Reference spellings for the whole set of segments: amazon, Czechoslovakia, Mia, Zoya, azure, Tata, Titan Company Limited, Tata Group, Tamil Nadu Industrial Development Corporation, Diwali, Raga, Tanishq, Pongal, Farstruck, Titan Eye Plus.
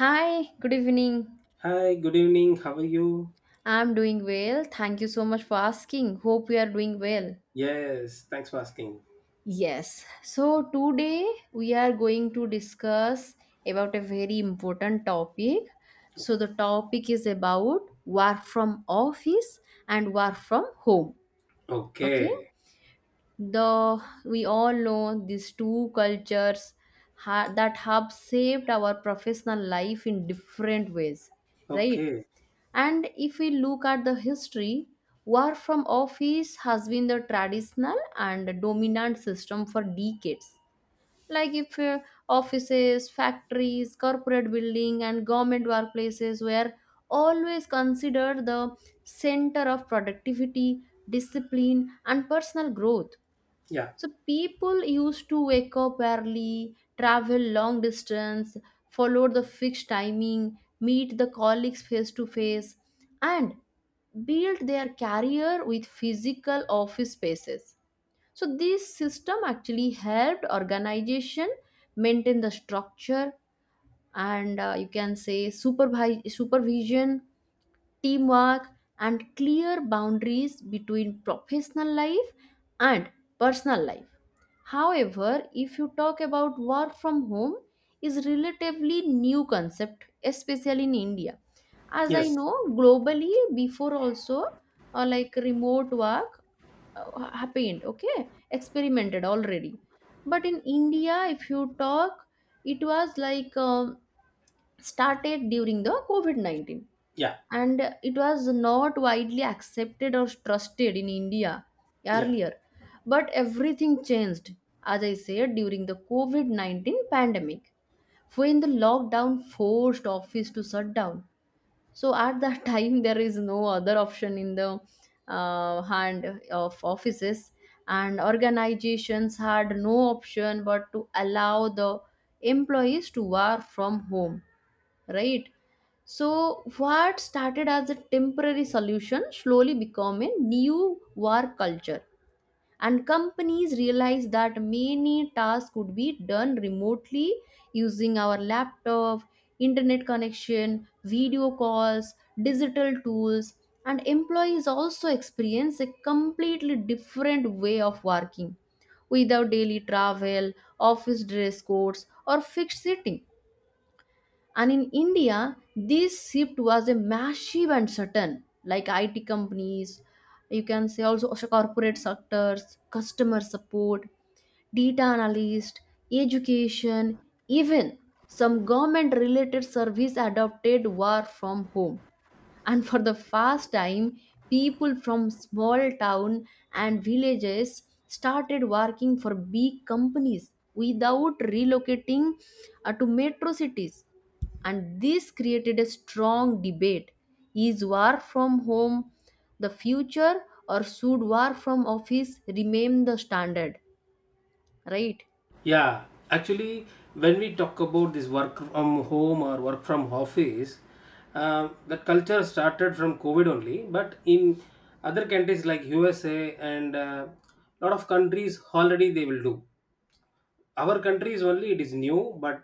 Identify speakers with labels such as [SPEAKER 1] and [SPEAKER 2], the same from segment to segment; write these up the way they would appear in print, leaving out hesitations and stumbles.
[SPEAKER 1] Hi, good evening.
[SPEAKER 2] Hi, good evening. How are you?
[SPEAKER 1] I'm doing well. Thank you so much for asking. Hope you are doing well.
[SPEAKER 2] Yes, thanks for asking.
[SPEAKER 1] Yes. So today we are going to discuss about a very important topic. So the topic is about work from office and work from home. Okay?
[SPEAKER 2] Okay.
[SPEAKER 1] The We all know these two cultures that have shaped our professional life in different ways, right?
[SPEAKER 2] Okay.
[SPEAKER 1] And if we look at the history, work from office has been the traditional and dominant system for decades. Like if offices, factories, corporate building and government workplaces were always considered the center of productivity, discipline and personal growth.
[SPEAKER 2] Yeah.
[SPEAKER 1] So people used to wake up early, travel long distance, follow the fixed timing, meet the colleagues face to face, and build their career with physical office spaces. So this system actually helped organization maintain the structure and you can say supervision teamwork, and clear boundaries between professional life and personal life. However, if you talk about work from home is relatively new concept especially in India. As
[SPEAKER 2] Yes.
[SPEAKER 1] I know globally before also like remote work happened, okay, experimented already, but in India if you talk it was like started during the COVID-19,
[SPEAKER 2] Yeah.
[SPEAKER 1] and it was not widely accepted or trusted in India
[SPEAKER 2] Yeah.
[SPEAKER 1] earlier. But everything changed, as I said, during the COVID COVID-19 pandemic, when the lockdown forced office to shut down. So at that time, there is no other option in the hand of offices, and organizations had no option but to allow the employees to work from home, right? So, what started as a temporary solution slowly became a new work culture, and companies realized that many tasks could be done remotely using our laptop, internet connection, video calls, digital tools, and employees also experience a completely different way of working without daily travel, office dress codes, or fixed sitting. And in India, this shift was a massive and sudden, like IT companies, you can say also corporate sectors, customer support, data analyst, education, even some government related service adopted work from home, and for the first time people from small town and villages started working for big companies without relocating to metro cities. And this created a strong debate: is work from home the future, or should work from office remain the standard, right?
[SPEAKER 2] Yeah. Actually, when we talk about this work from home or work from office, the culture started from COVID only. But in other countries like USA and a lot of countries already they will do. Our country is only it is new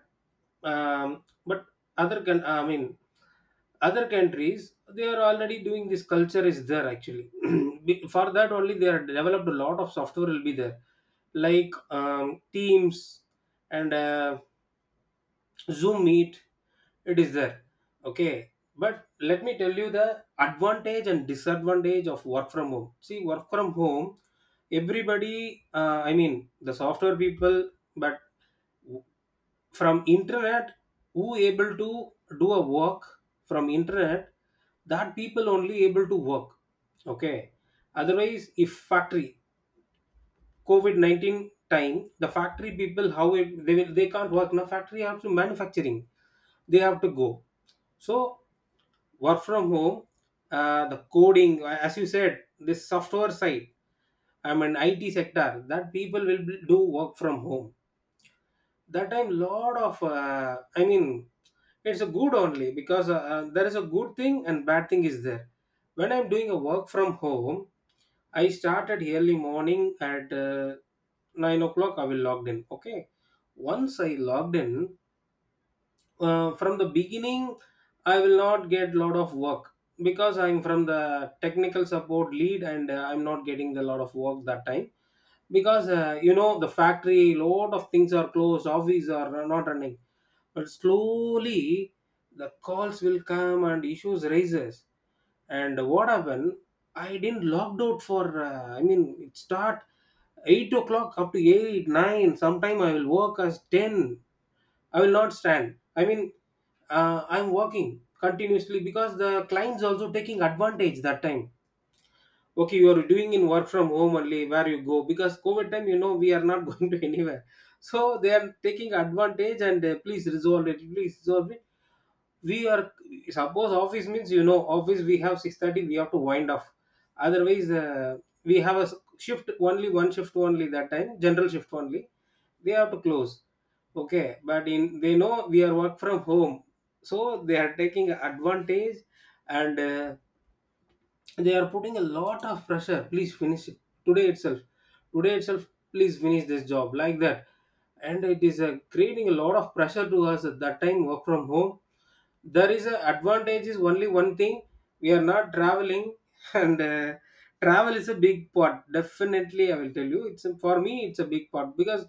[SPEAKER 2] but other can I mean other countries they are already doing this culture is there actually for that only they are developed a lot of software will be there like teams and zoom meet it is there. Okay, but let me tell you the advantage and disadvantage of work from home. See, work from home everybody the software people but from internet who able to do a work from internet, that people only able to work. Okay, otherwise if factory covid-19 time the factory people how it, they will they can't work. Now factory have to manufacturing, they have to go. So work from home, the coding, as you said, this software side, I mean IT sector, that people will do work from home. That time lot of, it's a good only because there is a good thing and bad thing is there. When I'm doing a work from home, I started early morning at 9 o'clock I will logged in. Okay, once I logged in, from the beginning I will not get lot of work because I'm from the technical support lead and I'm not getting the lot of work that time because you know the factory lot of things are closed, office are not running. But slowly the calls will come and issues raises. And what happened, I didn't locked out for it start 8 o'clock up to 8 9 sometime I will work as 10. I will not stand, I'm working continuously because the clients also taking advantage that time. Okay, you are doing in work from home only, where you go? Because COVID time you know we are not going to anywhere. So they are taking advantage and please resolve it, please resolve it. We are, suppose office means, you know, office we have 6:30 we have to wind off. Otherwise we have a s- shift only, one shift only, that time general shift only, they have to close. Okay, but in they know we are work from home, so they are taking advantage and they are putting a lot of pressure, please finish it today itself, today itself, please finish this job, like that. And it is creating a lot of pressure to us at that time. Work from home, there is a advantage is only one thing, we are not traveling. And travel is a big part, definitely I will tell you, for me it's a big part because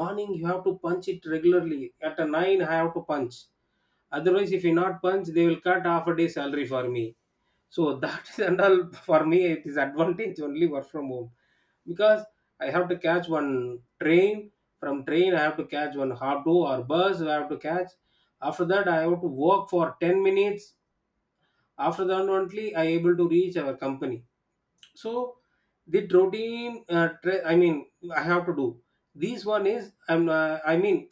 [SPEAKER 2] morning you have to punch it regularly at a 9 I have to punch. Otherwise if you not punch, they will cut half a day salary for me. So that is and all, for me it is advantage only work from home because I have to catch one train, from train I have to catch one auto or bus I have to catch, after that I have to walk for 10 minutes, after that only I able to reach our company. So the routine, I have to do this one is I'm I mean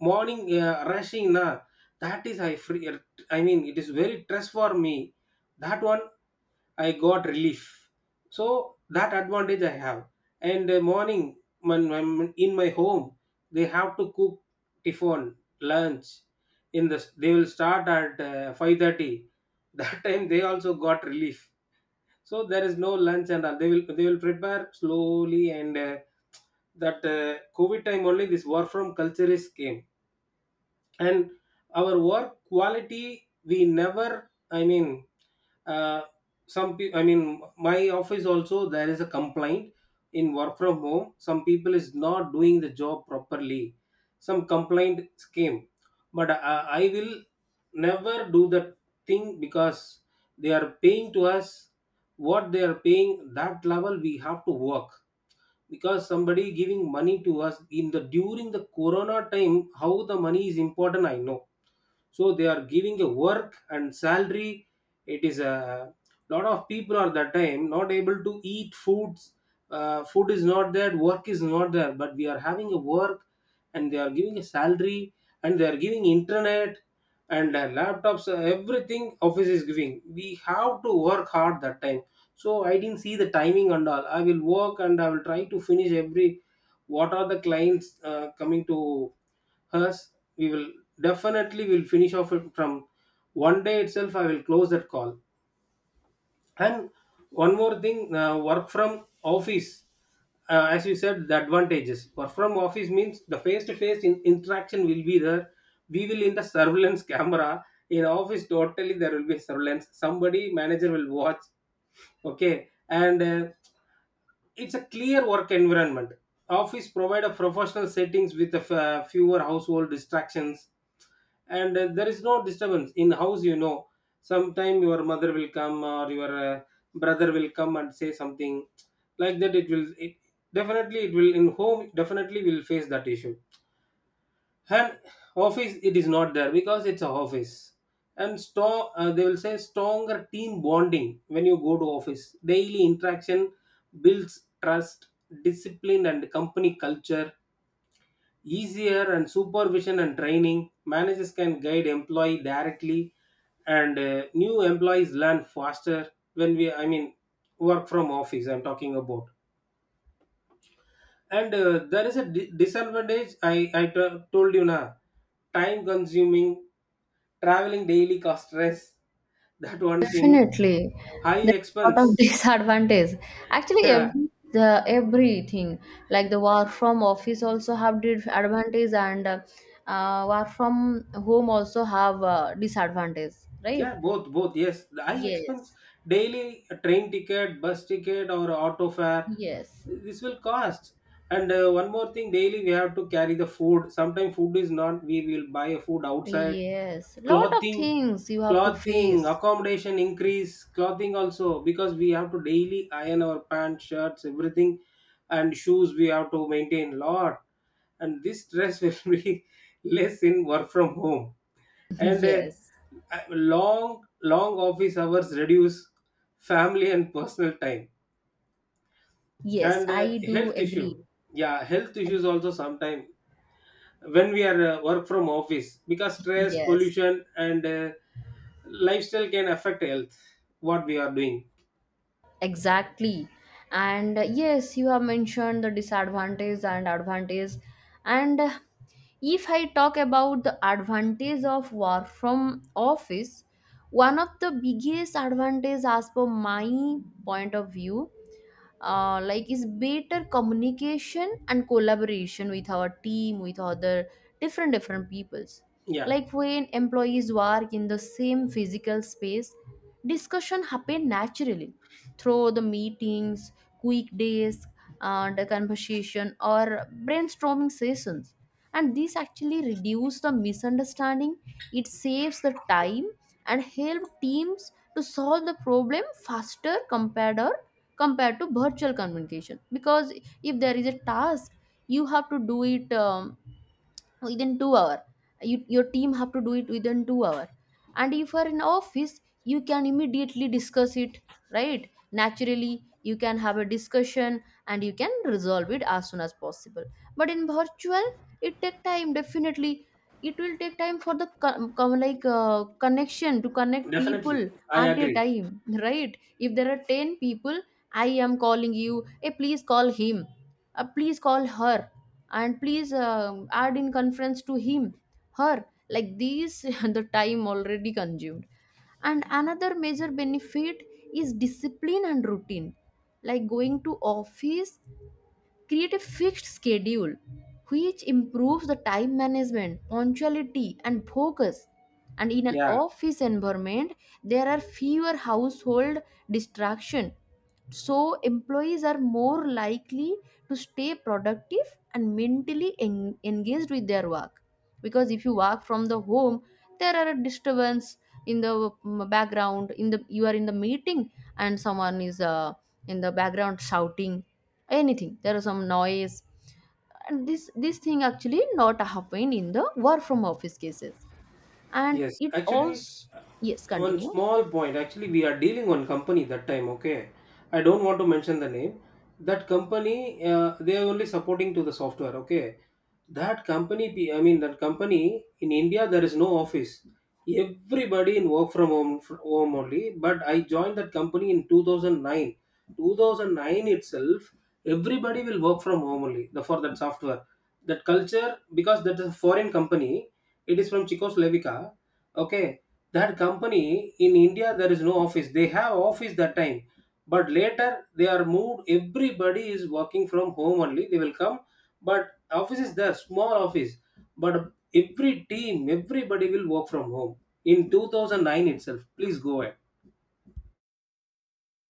[SPEAKER 2] morning rushing na, that is I free, I mean it is very stress for me, that one I got relief. So that advantage I have. And morning when I'm in my home, they have to cook tiffin, lunch. In the they will start at 5:30. That time they also got relief. So there is no lunch and all. They will prepare slowly and that COVID time only this work from culture is came. And our work quality we never, I mean, uh, some people, I mean my office also there is a complaint, in work from home some people is not doing the job properly, some complaint came. But I will never do the thing because they are paying to us. What they are paying, that level we have to work, because somebody giving money to us in the during the corona time, how the money is important I know. So they are giving a work and salary. It is a, lot of people are that time not able to eat foods, food is not there, work is not there, but we are having a work and they are giving a salary and they are giving internet and laptops, everything office is giving, we have to work hard that time. So I didn't see the timing and all, I will work and I will try to finish every, what are the clients coming to us, we will definitely will finish off it from one day itself, I will close that call. And one more thing, work from office, as you said the advantages, work from office means the face to face interaction will be there, we will in the surveillance camera, in office totally there will be surveillance, somebody manager will watch. Okay, and it's a clear work environment, office provide a professional settings with a fewer household distractions. And there is no disturbance in house, you know, sometime your mother will come or your uh, brother will come and say something, like that it will it definitely it will, in home definitely will face that issue. And office it is not there because it's a office. And strong, they will say stronger team bonding, when you go to office daily interaction builds trust, discipline and company culture, easier and supervision and training, managers can guide employee directly. And new employees learn faster when we, I mean work from office I'm talking about. And there is a di- disadvantage I told you now, time consuming, traveling daily, cost, stress, that one thing,
[SPEAKER 1] Definitely,
[SPEAKER 2] high
[SPEAKER 1] there's a lot of
[SPEAKER 2] expense.
[SPEAKER 1] disadvantage. Actually,
[SPEAKER 2] Yeah.
[SPEAKER 1] everything, like the work from office also have disadvantage and work from home also have disadvantage, right?
[SPEAKER 2] Yeah, both, both. Yes, I expense,
[SPEAKER 1] Yes,
[SPEAKER 2] daily a train ticket, bus ticket, or auto fare.
[SPEAKER 1] yes,
[SPEAKER 2] This will cost. And one more thing, daily we have to carry the food. Sometimes food is not, we will buy a food outside.
[SPEAKER 1] yes. Lot of
[SPEAKER 2] Clothing,
[SPEAKER 1] things you have to
[SPEAKER 2] clothing,
[SPEAKER 1] face.
[SPEAKER 2] accommodation increase. Clothing also because we have to daily iron our pants, shirts, everything, and shoes. We have to maintain lot, and this stress will be less in work from home. And
[SPEAKER 1] Yes,
[SPEAKER 2] long long office hours reduce family and personal time.
[SPEAKER 1] yes,
[SPEAKER 2] And
[SPEAKER 1] I do
[SPEAKER 2] health issue,
[SPEAKER 1] agree.
[SPEAKER 2] yeah health
[SPEAKER 1] I-
[SPEAKER 2] issues also sometime when we are work from office, because stress,
[SPEAKER 1] Yes.
[SPEAKER 2] pollution and lifestyle can affect health, what we are doing.
[SPEAKER 1] Exactly. And yes, you have mentioned the disadvantage and advantage. And if I talk about the advantage of work from office, one of the biggest advantage as per my point of view like is better communication and collaboration with our team with other different different peoples,
[SPEAKER 2] Yeah
[SPEAKER 1] like when employees work in the same physical space discussion happen naturally through the meetings, quick days and the conversation or brainstorming sessions. And this actually reduce the misunderstanding, it saves the time and help teams to solve the problem faster compared to compared to virtual communication. Because if there is a task you have to do it within 2 hour, you, your team have to do it within 2 hour, and if you are in office you can immediately discuss it, right? Naturally you can have a discussion and you can resolve it as soon as possible. But in virtual it take time, definitely. It will take time for the like connection, to connect
[SPEAKER 2] definitely
[SPEAKER 1] people
[SPEAKER 2] I
[SPEAKER 1] at a
[SPEAKER 2] agree.
[SPEAKER 1] time. Right? If there are 10 people, I am calling you, hey please call him, please call her, and please add in conference to him, her, like these the time already consumed. And another major benefit is discipline and routine, like going to office create a fixed schedule which improves the time management, punctuality and focus. And in an
[SPEAKER 2] Yeah.
[SPEAKER 1] office environment there are fewer household distraction, so employees are more likely to stay productive and mentally engaged with their work. Because if you work from the home there are a disturbance in the background, in the you are in the meeting and someone is in the background shouting anything, there is some noise. And this thing actually not happen in the work from office cases. And
[SPEAKER 2] Yes,
[SPEAKER 1] it
[SPEAKER 2] actually,
[SPEAKER 1] also
[SPEAKER 2] uh,
[SPEAKER 1] yes
[SPEAKER 2] one
[SPEAKER 1] continue.
[SPEAKER 2] small point. Actually, we are dealing one company that time. Okay, I don't want to mention the name. That company, they are only supporting to the software. Okay, that company, that company in India, there is no office. Everybody in work from home only. But I joined that company in 2009. 2009 itself, everybody will work from home only. The for that software, that culture because that is a foreign company, it is from Czechoslovakia. Okay, that company in India there is no office. They have office that time, but later they are moved. Everybody is working from home only. They will come, but office is there, small office, but every team, everybody will work from home in 2009 itself. Please go ahead.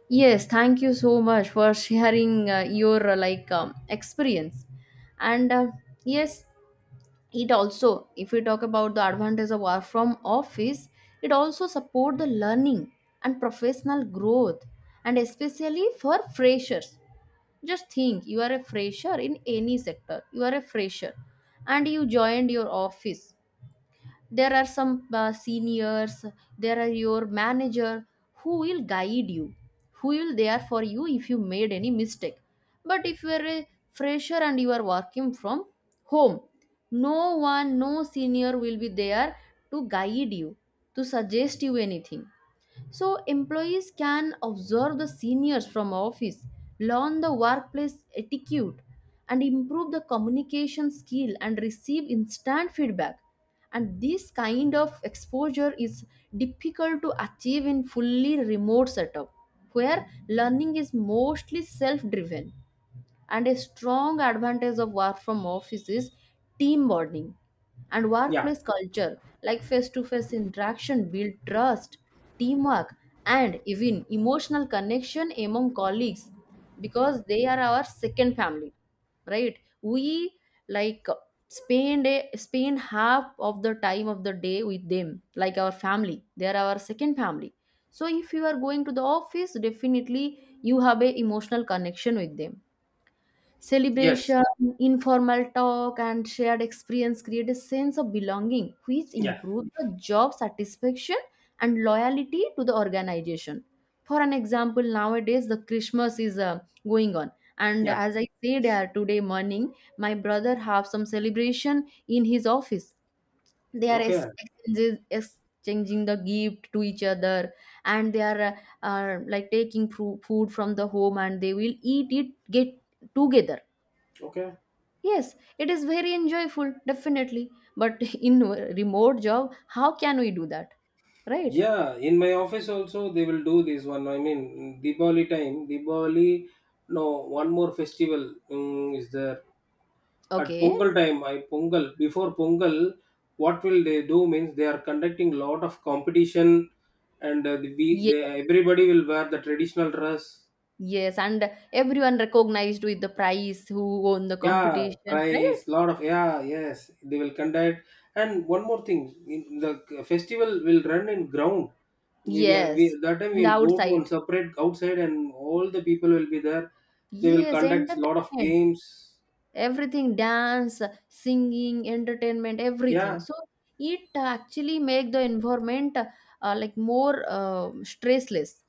[SPEAKER 1] Yes, thank you so much for sharing your like experience. And yes, it also, if we talk about the advantage of work from office, it also support the learning and professional growth, and especially for freshers. Just think, you are a fresher in any sector. You are a fresher, and you joined your office, there are some seniors, there are your manager who will guide you, who will there for you if you made any mistake. But if you are a fresher and you are working from home, no one, no senior will be there to guide you, to suggest you anything. So employees can observe the seniors from office, learn the workplace etiquette and improve the communication skill and receive instant feedback. And this kind of exposure is difficult to achieve in fully remote setup where learning is mostly self driven. And a strong advantage of work from office is team bonding and
[SPEAKER 2] Yeah.
[SPEAKER 1] workplace culture, like face-to-face interaction build trust, teamwork, and even emotional connection among colleagues, because they are our second family, right? We like spend half of the time of the day with them like our family, they are our second family. So if you are going to the office, definitely you have a emotional connection with them.
[SPEAKER 2] Yes.
[SPEAKER 1] Celebration, informal talk, and shared experience create a sense of belonging, which
[SPEAKER 2] Yeah.
[SPEAKER 1] improve the job satisfaction and loyalty to the organization. For an example, nowadays the Christmas is going on, and
[SPEAKER 2] Yeah.
[SPEAKER 1] as I said today morning, my brother have some celebration in his office. They are
[SPEAKER 2] Okay.
[SPEAKER 1] exchanging the gift to each other, and they are like taking food from the home, and they will eat it get together.
[SPEAKER 2] Okay.
[SPEAKER 1] Yes, it is very enjoyable, definitely. But in a remote job, how can we do that? Right?
[SPEAKER 2] Yeah, in my office also they will do this one. I mean, Diwali time, Diwali, no, one more festival mm, is there. At
[SPEAKER 1] Okay.
[SPEAKER 2] Pongal time, before Pongal, what will they do means they are conducting lot of competition and
[SPEAKER 1] Yes,
[SPEAKER 2] everybody will wear the traditional dress.
[SPEAKER 1] yes. And everyone recognized with the prize who won the
[SPEAKER 2] Yeah,
[SPEAKER 1] competition, right?
[SPEAKER 2] price, lot of, yeah, yes, they will conduct. And one more thing, in the festival will run in ground,
[SPEAKER 1] Yes.
[SPEAKER 2] that time
[SPEAKER 1] In the
[SPEAKER 2] we'll go to one
[SPEAKER 1] outside.
[SPEAKER 2] separate outside and all the people will be there. They will
[SPEAKER 1] Yes,
[SPEAKER 2] conduct lot of
[SPEAKER 1] entertainment.
[SPEAKER 2] games.
[SPEAKER 1] Everything, dance, singing, entertainment, everything.
[SPEAKER 2] Yeah,
[SPEAKER 1] So it actually make the environment like more stressless.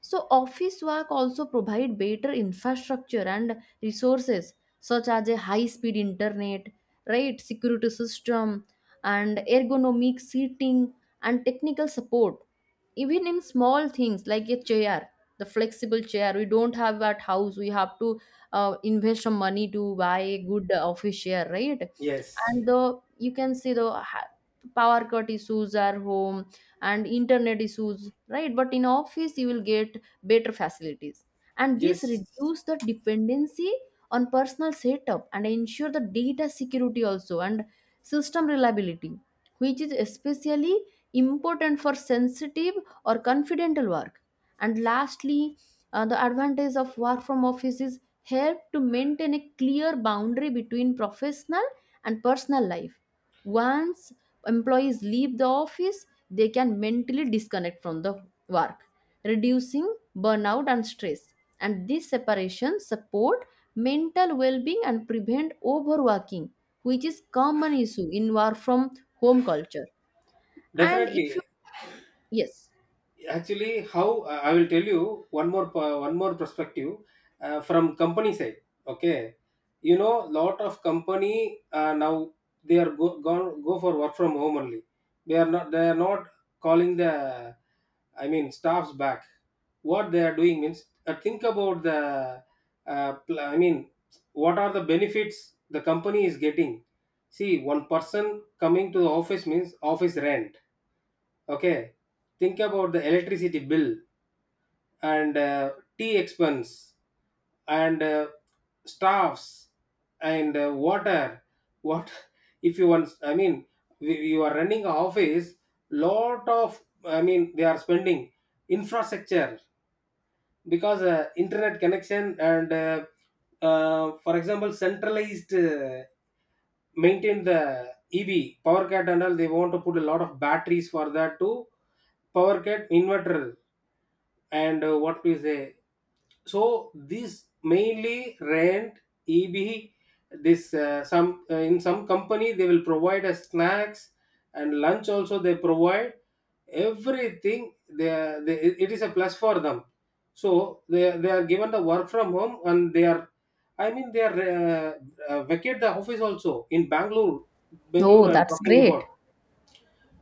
[SPEAKER 1] So office work also provide better infrastructure and resources such as a high speed internet, right, security system and ergonomic seating and technical support. Even in small things like a chair, the flexible chair we don't have at house, we have to invest some money to buy a good office chair, right?
[SPEAKER 2] yes,
[SPEAKER 1] And the you can see the ha- power cut issues are home and internet issues, right? But in office you will get better facilities, and this
[SPEAKER 2] yes,
[SPEAKER 1] reduce the dependency on personal setup and ensure the data security also and system reliability, which is especially important for sensitive or confidential work. And lastly, the advantage of work from office is help to maintain a clear boundary between professional and personal life. Once employees leave the office, they can mentally disconnect from the work, reducing burnout and stress. And this separation support mental well-being and prevent overworking, which is common issue in work from home culture. And if you
[SPEAKER 2] definitely.
[SPEAKER 1] yes.
[SPEAKER 2] Actually, how I will tell you one more one more perspective from company side, okay, you know lot of company now they are go for work from home only. They are not calling the, I mean, staffs back. What they are doing means, think about the, I mean, what are the benefits the company is getting. See, one person coming to the office means office rent. Okay, think about the electricity bill and tea expense and staffs and water. What if you want? I mean, you are running a office. Lot of, I mean, they are spending infrastructure because internet connection and for example centralized, maintain the EB power cat and all. They want to put a lot of batteries for that to power cat inverter and what we say. So this mainly rent, eb, this, some, in some company they will provide us snacks and lunch also they provide. Everything they, they, it is a plus for them. So they are given the work from home and they are, I mean they are, vacate the office also in Bangalore.
[SPEAKER 1] Oh,
[SPEAKER 2] Bangalore I'm
[SPEAKER 1] that's
[SPEAKER 2] talking
[SPEAKER 1] great.
[SPEAKER 2] about.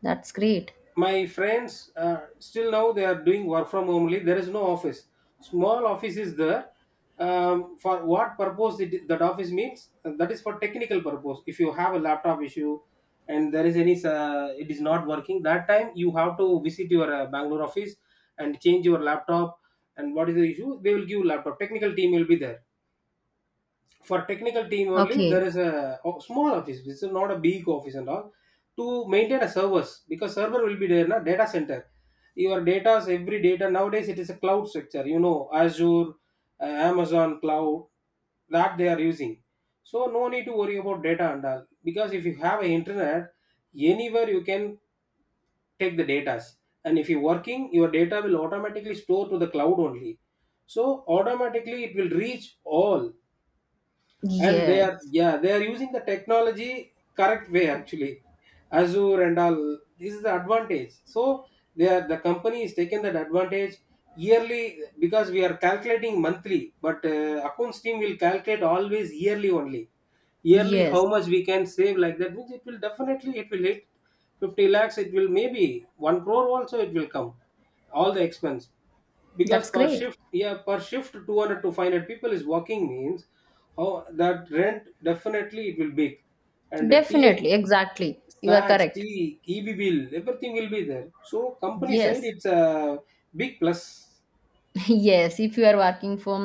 [SPEAKER 1] That's great.
[SPEAKER 2] My friends still now they are doing work from home only. There is no office, small office is there. For what purpose it, that office means, that is for technical purpose. If you have a laptop issue and there is any it is not working, that time you have to visit your Bangalore office and change your laptop. And what is the issue, they will give laptop, technical team will be there. For technical team only
[SPEAKER 1] Okay.
[SPEAKER 2] there is a small office, this is not a big office and all. To maintain a servers, because server will be there, na, data center. Your datas, every data nowadays, it is a cloud structure, you know, Azure, Amazon cloud, that they are using. So no need to worry about data and all because if you have an internet, anywhere you can take the datas. And if you're working, your data will automatically store to the cloud only, so automatically it will reach all. And they are,
[SPEAKER 1] Yes.
[SPEAKER 2] yeah, they are using the technology correct way actually, Azure and all. This is the advantage. So they are, the company is taking that advantage yearly, because we are calculating monthly, but accounts team will calculate always yearly only. Yearly how
[SPEAKER 1] Yes.
[SPEAKER 2] much we can save, like that means, it will definitely, it will hit 50 lakhs, it will, maybe 1 crore also it will come, all the expense. Because
[SPEAKER 1] That's
[SPEAKER 2] per
[SPEAKER 1] great.
[SPEAKER 2] shift, yeah, per shift 200 to 500 people is working means, how that rent, definitely it will big. And the tx,
[SPEAKER 1] Definitely. Exactly. You are
[SPEAKER 2] snacks,
[SPEAKER 1] correct.
[SPEAKER 2] tea, eb bill, everything will be there. So company side
[SPEAKER 1] Yes.
[SPEAKER 2] it's a big plus.
[SPEAKER 1] Yes, if you are working from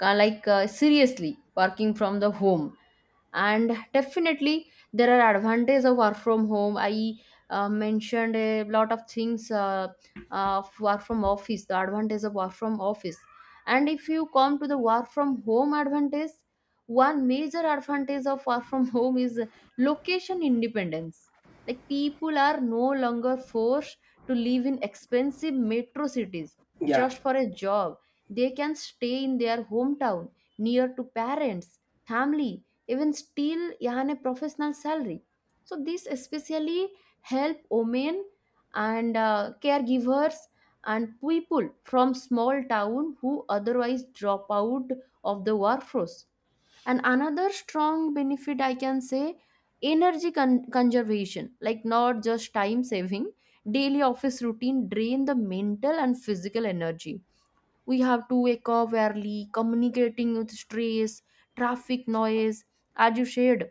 [SPEAKER 1] like seriously working from the home, and definitely there are advantages of work from home. I mentioned a lot of things of work from office, the advantage of work from office. And if you come to the work from home advantage, one major advantage of work from home is location independence, like people are no longer forced to live in expensive metro cities
[SPEAKER 2] Yeah,
[SPEAKER 1] just for a job. They can stay in their hometown, near to parents, family, even still earn a professional salary. So this especially help women and caregivers and people from small town who otherwise drop out of the workforce. And another strong benefit I can say, energy conservation, like not just time saving. Daily office routine drain the mental and physical energy. We have to wake up early, communicating with stress, traffic noise, as you said.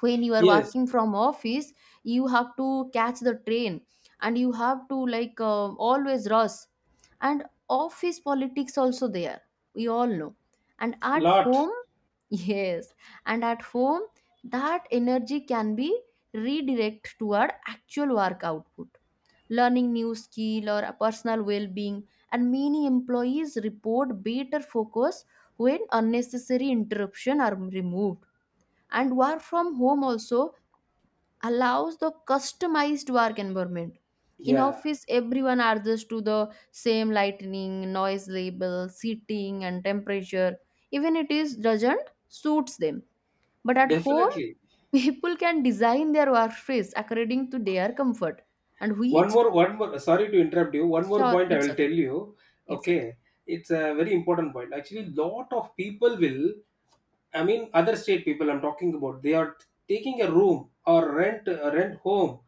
[SPEAKER 1] When you are
[SPEAKER 2] yes,
[SPEAKER 1] working from office, you have to catch the train, and you have to like always rush, and office politics also there, we all know. And at
[SPEAKER 2] lot,
[SPEAKER 1] home, yes. And at home, that energy can be redirected toward actual work output, learning new skill or a personal well-being. And many employees report better focus when unnecessary interruption are removed. And work from home also allows the customized work environment. In
[SPEAKER 2] yeah,
[SPEAKER 1] office, everyone adjusts to the same lightning noise level, seating and temperature, even it is doesn't suits them. But at home,
[SPEAKER 2] definitely.
[SPEAKER 1] people can design their workspace according to their comfort. And
[SPEAKER 2] one
[SPEAKER 1] which
[SPEAKER 2] more one more sorry to interrupt you, one more
[SPEAKER 1] sure,
[SPEAKER 2] point I
[SPEAKER 1] it's
[SPEAKER 2] will
[SPEAKER 1] okay,
[SPEAKER 2] tell you,
[SPEAKER 1] it's okay,
[SPEAKER 2] okay. It's a very important point. Actually, lot of people will, I mean, other state people I'm talking about, they are taking a room or rent a rent home.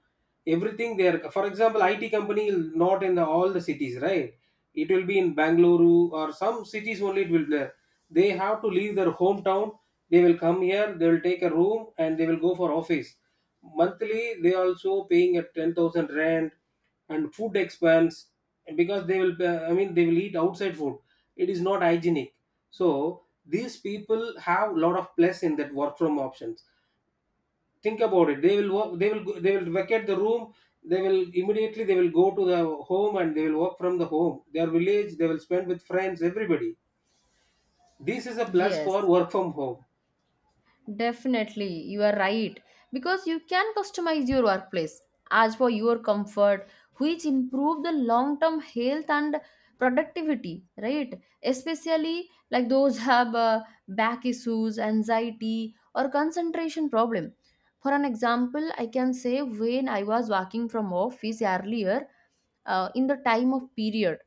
[SPEAKER 2] Everything there. For example, IT company is not in the, all the cities, right? It will be in Bangalore or some cities only. It will be there. They have to leave their hometown. They will come here. They will take a room and they will go for office. Monthly, they also paying a 10,000 rent and food expands, because they will, I mean, they will eat outside food, it is not hygienic. So these people have a lot of plus in that work from options. Think about it, they will work, they will vacate the room, they will immediately, they will go to the home, and they will work from the home, their village, they will spend with friends, everybody. This is a plus for
[SPEAKER 1] yes.
[SPEAKER 2] work from home.
[SPEAKER 1] Definitely, you are right. Because you can customize your workplace as for your comfort, which improve the long-term health and productivity, right? Especially like those have back issues, anxiety, or concentration problem. For an example, I can say when I was working from office earlier, in the time of period,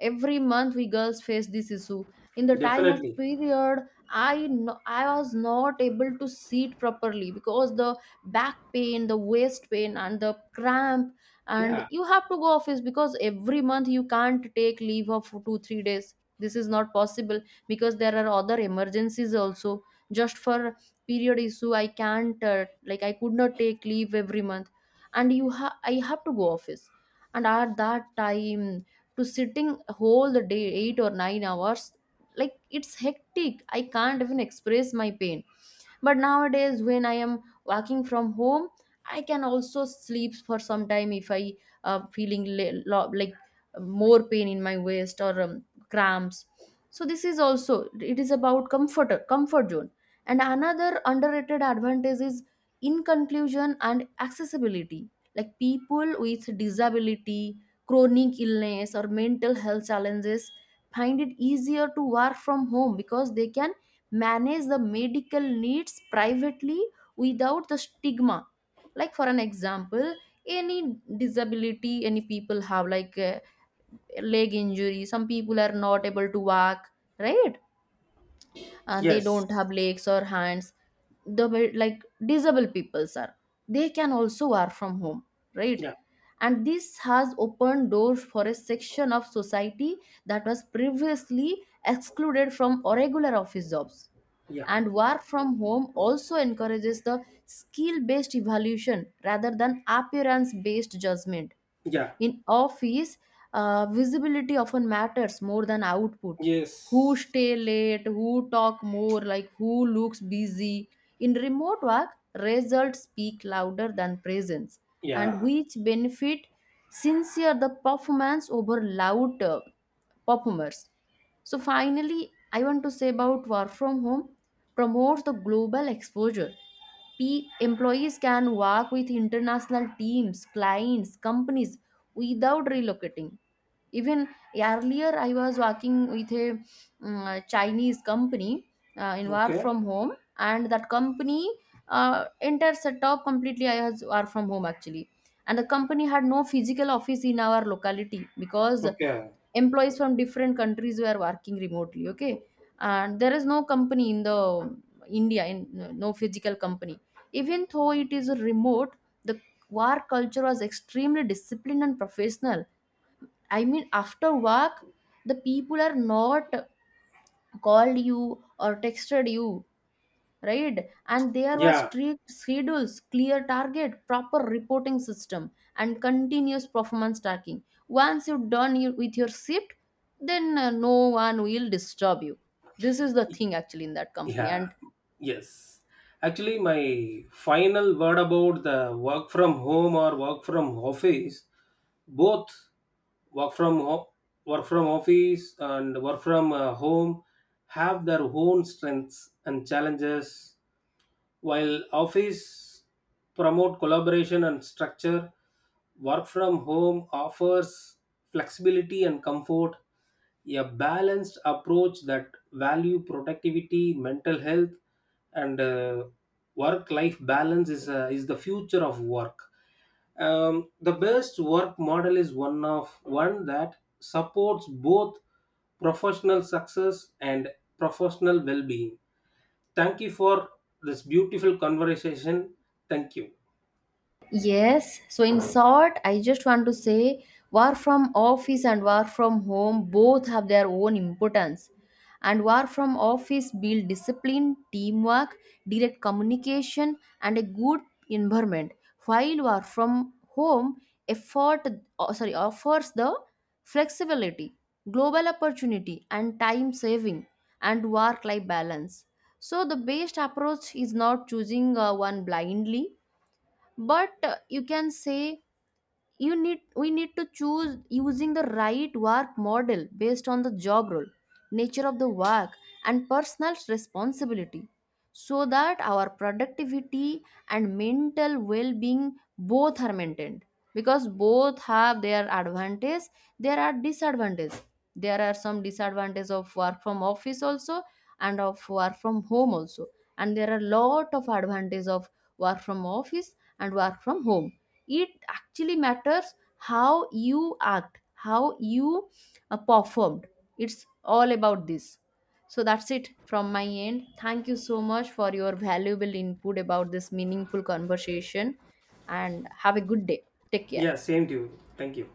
[SPEAKER 1] every month we girls face this issue. In the time of
[SPEAKER 2] Definitely,
[SPEAKER 1] period, I was not able to sit properly because the back pain, the waist pain, and the cramp, and
[SPEAKER 2] yeah,
[SPEAKER 1] you have to go office because every month you can't take leave of two or three days. This is not possible because there are other emergencies also. Just for period issue, I can't like I could not take leave every month, and you ha I have to go office, and at that time to sitting whole the day 8 or 9 hours, like it's hectic, I can't even express my pain. But nowadays when I am working from home, I can also sleep for some time if I feeling like more pain in my waist or cramps. So this is also, it is about comfort, comfort zone. And another underrated advantage is, in conclusion, and accessibility, like people with disability, chronic illness or mental health challenges, find it easier to work from home because they can manage the medical needs privately without the stigma. Like for an example, any disability, any people have like a leg injury, some people are not able to walk, right? And they
[SPEAKER 2] yes,
[SPEAKER 1] don't have legs or hands, like disabled peoples are, they can also work from home, right?
[SPEAKER 2] yeah,
[SPEAKER 1] And this has opened doors for a section of society that was previously excluded from regular office jobs.
[SPEAKER 2] yeah,
[SPEAKER 1] And work from home also encourages the skill based evaluation rather than appearance based judgment.
[SPEAKER 2] yeah,
[SPEAKER 1] In office, visibility often matters more than output. Who
[SPEAKER 2] yes,
[SPEAKER 1] stay late, who talk more, like who looks busy. In remote work, results speak louder than presence, and
[SPEAKER 2] yeah,
[SPEAKER 1] which benefit sincere the performance over loud performers. So finally, I want to say about work from home promotes the global exposure. P Employees can work with international teams, clients, companies, without relocating. Even earlier, I was working with a Chinese company in work
[SPEAKER 2] okay,
[SPEAKER 1] from home, and that company entire setup completely I was work from home actually. And the company had no physical office in our locality because
[SPEAKER 2] okay,
[SPEAKER 1] employees from different countries were working remotely. Okay, and there is no company in the India, in no physical company. Even though it is remote, the work culture was extremely disciplined and professional. I mean, after work, the people are not called you or texted you, right? And there was
[SPEAKER 2] yeah.
[SPEAKER 1] strict schedules, clear target, proper reporting system, and continuous performance tracking. Once you've with your shift, then no one will disturb you. This is the thing actually in that company.
[SPEAKER 2] Yeah,
[SPEAKER 1] And
[SPEAKER 2] yes. Actually, my final word about the work from home or work from office, both, work from ho- work from office and work from home have their own strengths and challenges. While office promote collaboration and structure, work from home offers flexibility and comfort. A balanced approach that value productivity, mental health, and work life balance is the future of work. The best work model is one that supports both professional success and professional well-being. Thank you for this beautiful conversation. Thank you.
[SPEAKER 1] yes, so in short, I just want to say work from office and work from home both have their own importance. And work from office build discipline, teamwork, direct communication, and a good environment. While work from home effort oh, sorry offers the flexibility, global opportunity, and time saving and work life balance. So the best approach is not choosing one blindly, but you can say you need we need to choose using the right work model based on the job role, nature of the work, and personal responsibility, so that our productivity and mental well-being both are maintained. Because both have their advantage, there are disadvantages. There are some disadvantages of work from office also and of work from home also, and there are lot of advantages of work from office and work from home. It actually matters how you act, how you performed. It's all about this. So that's it from my end. Thank you so much for your valuable input about this meaningful conversation, and have a good day. Take care.
[SPEAKER 2] Yeah, same to you. Thank you.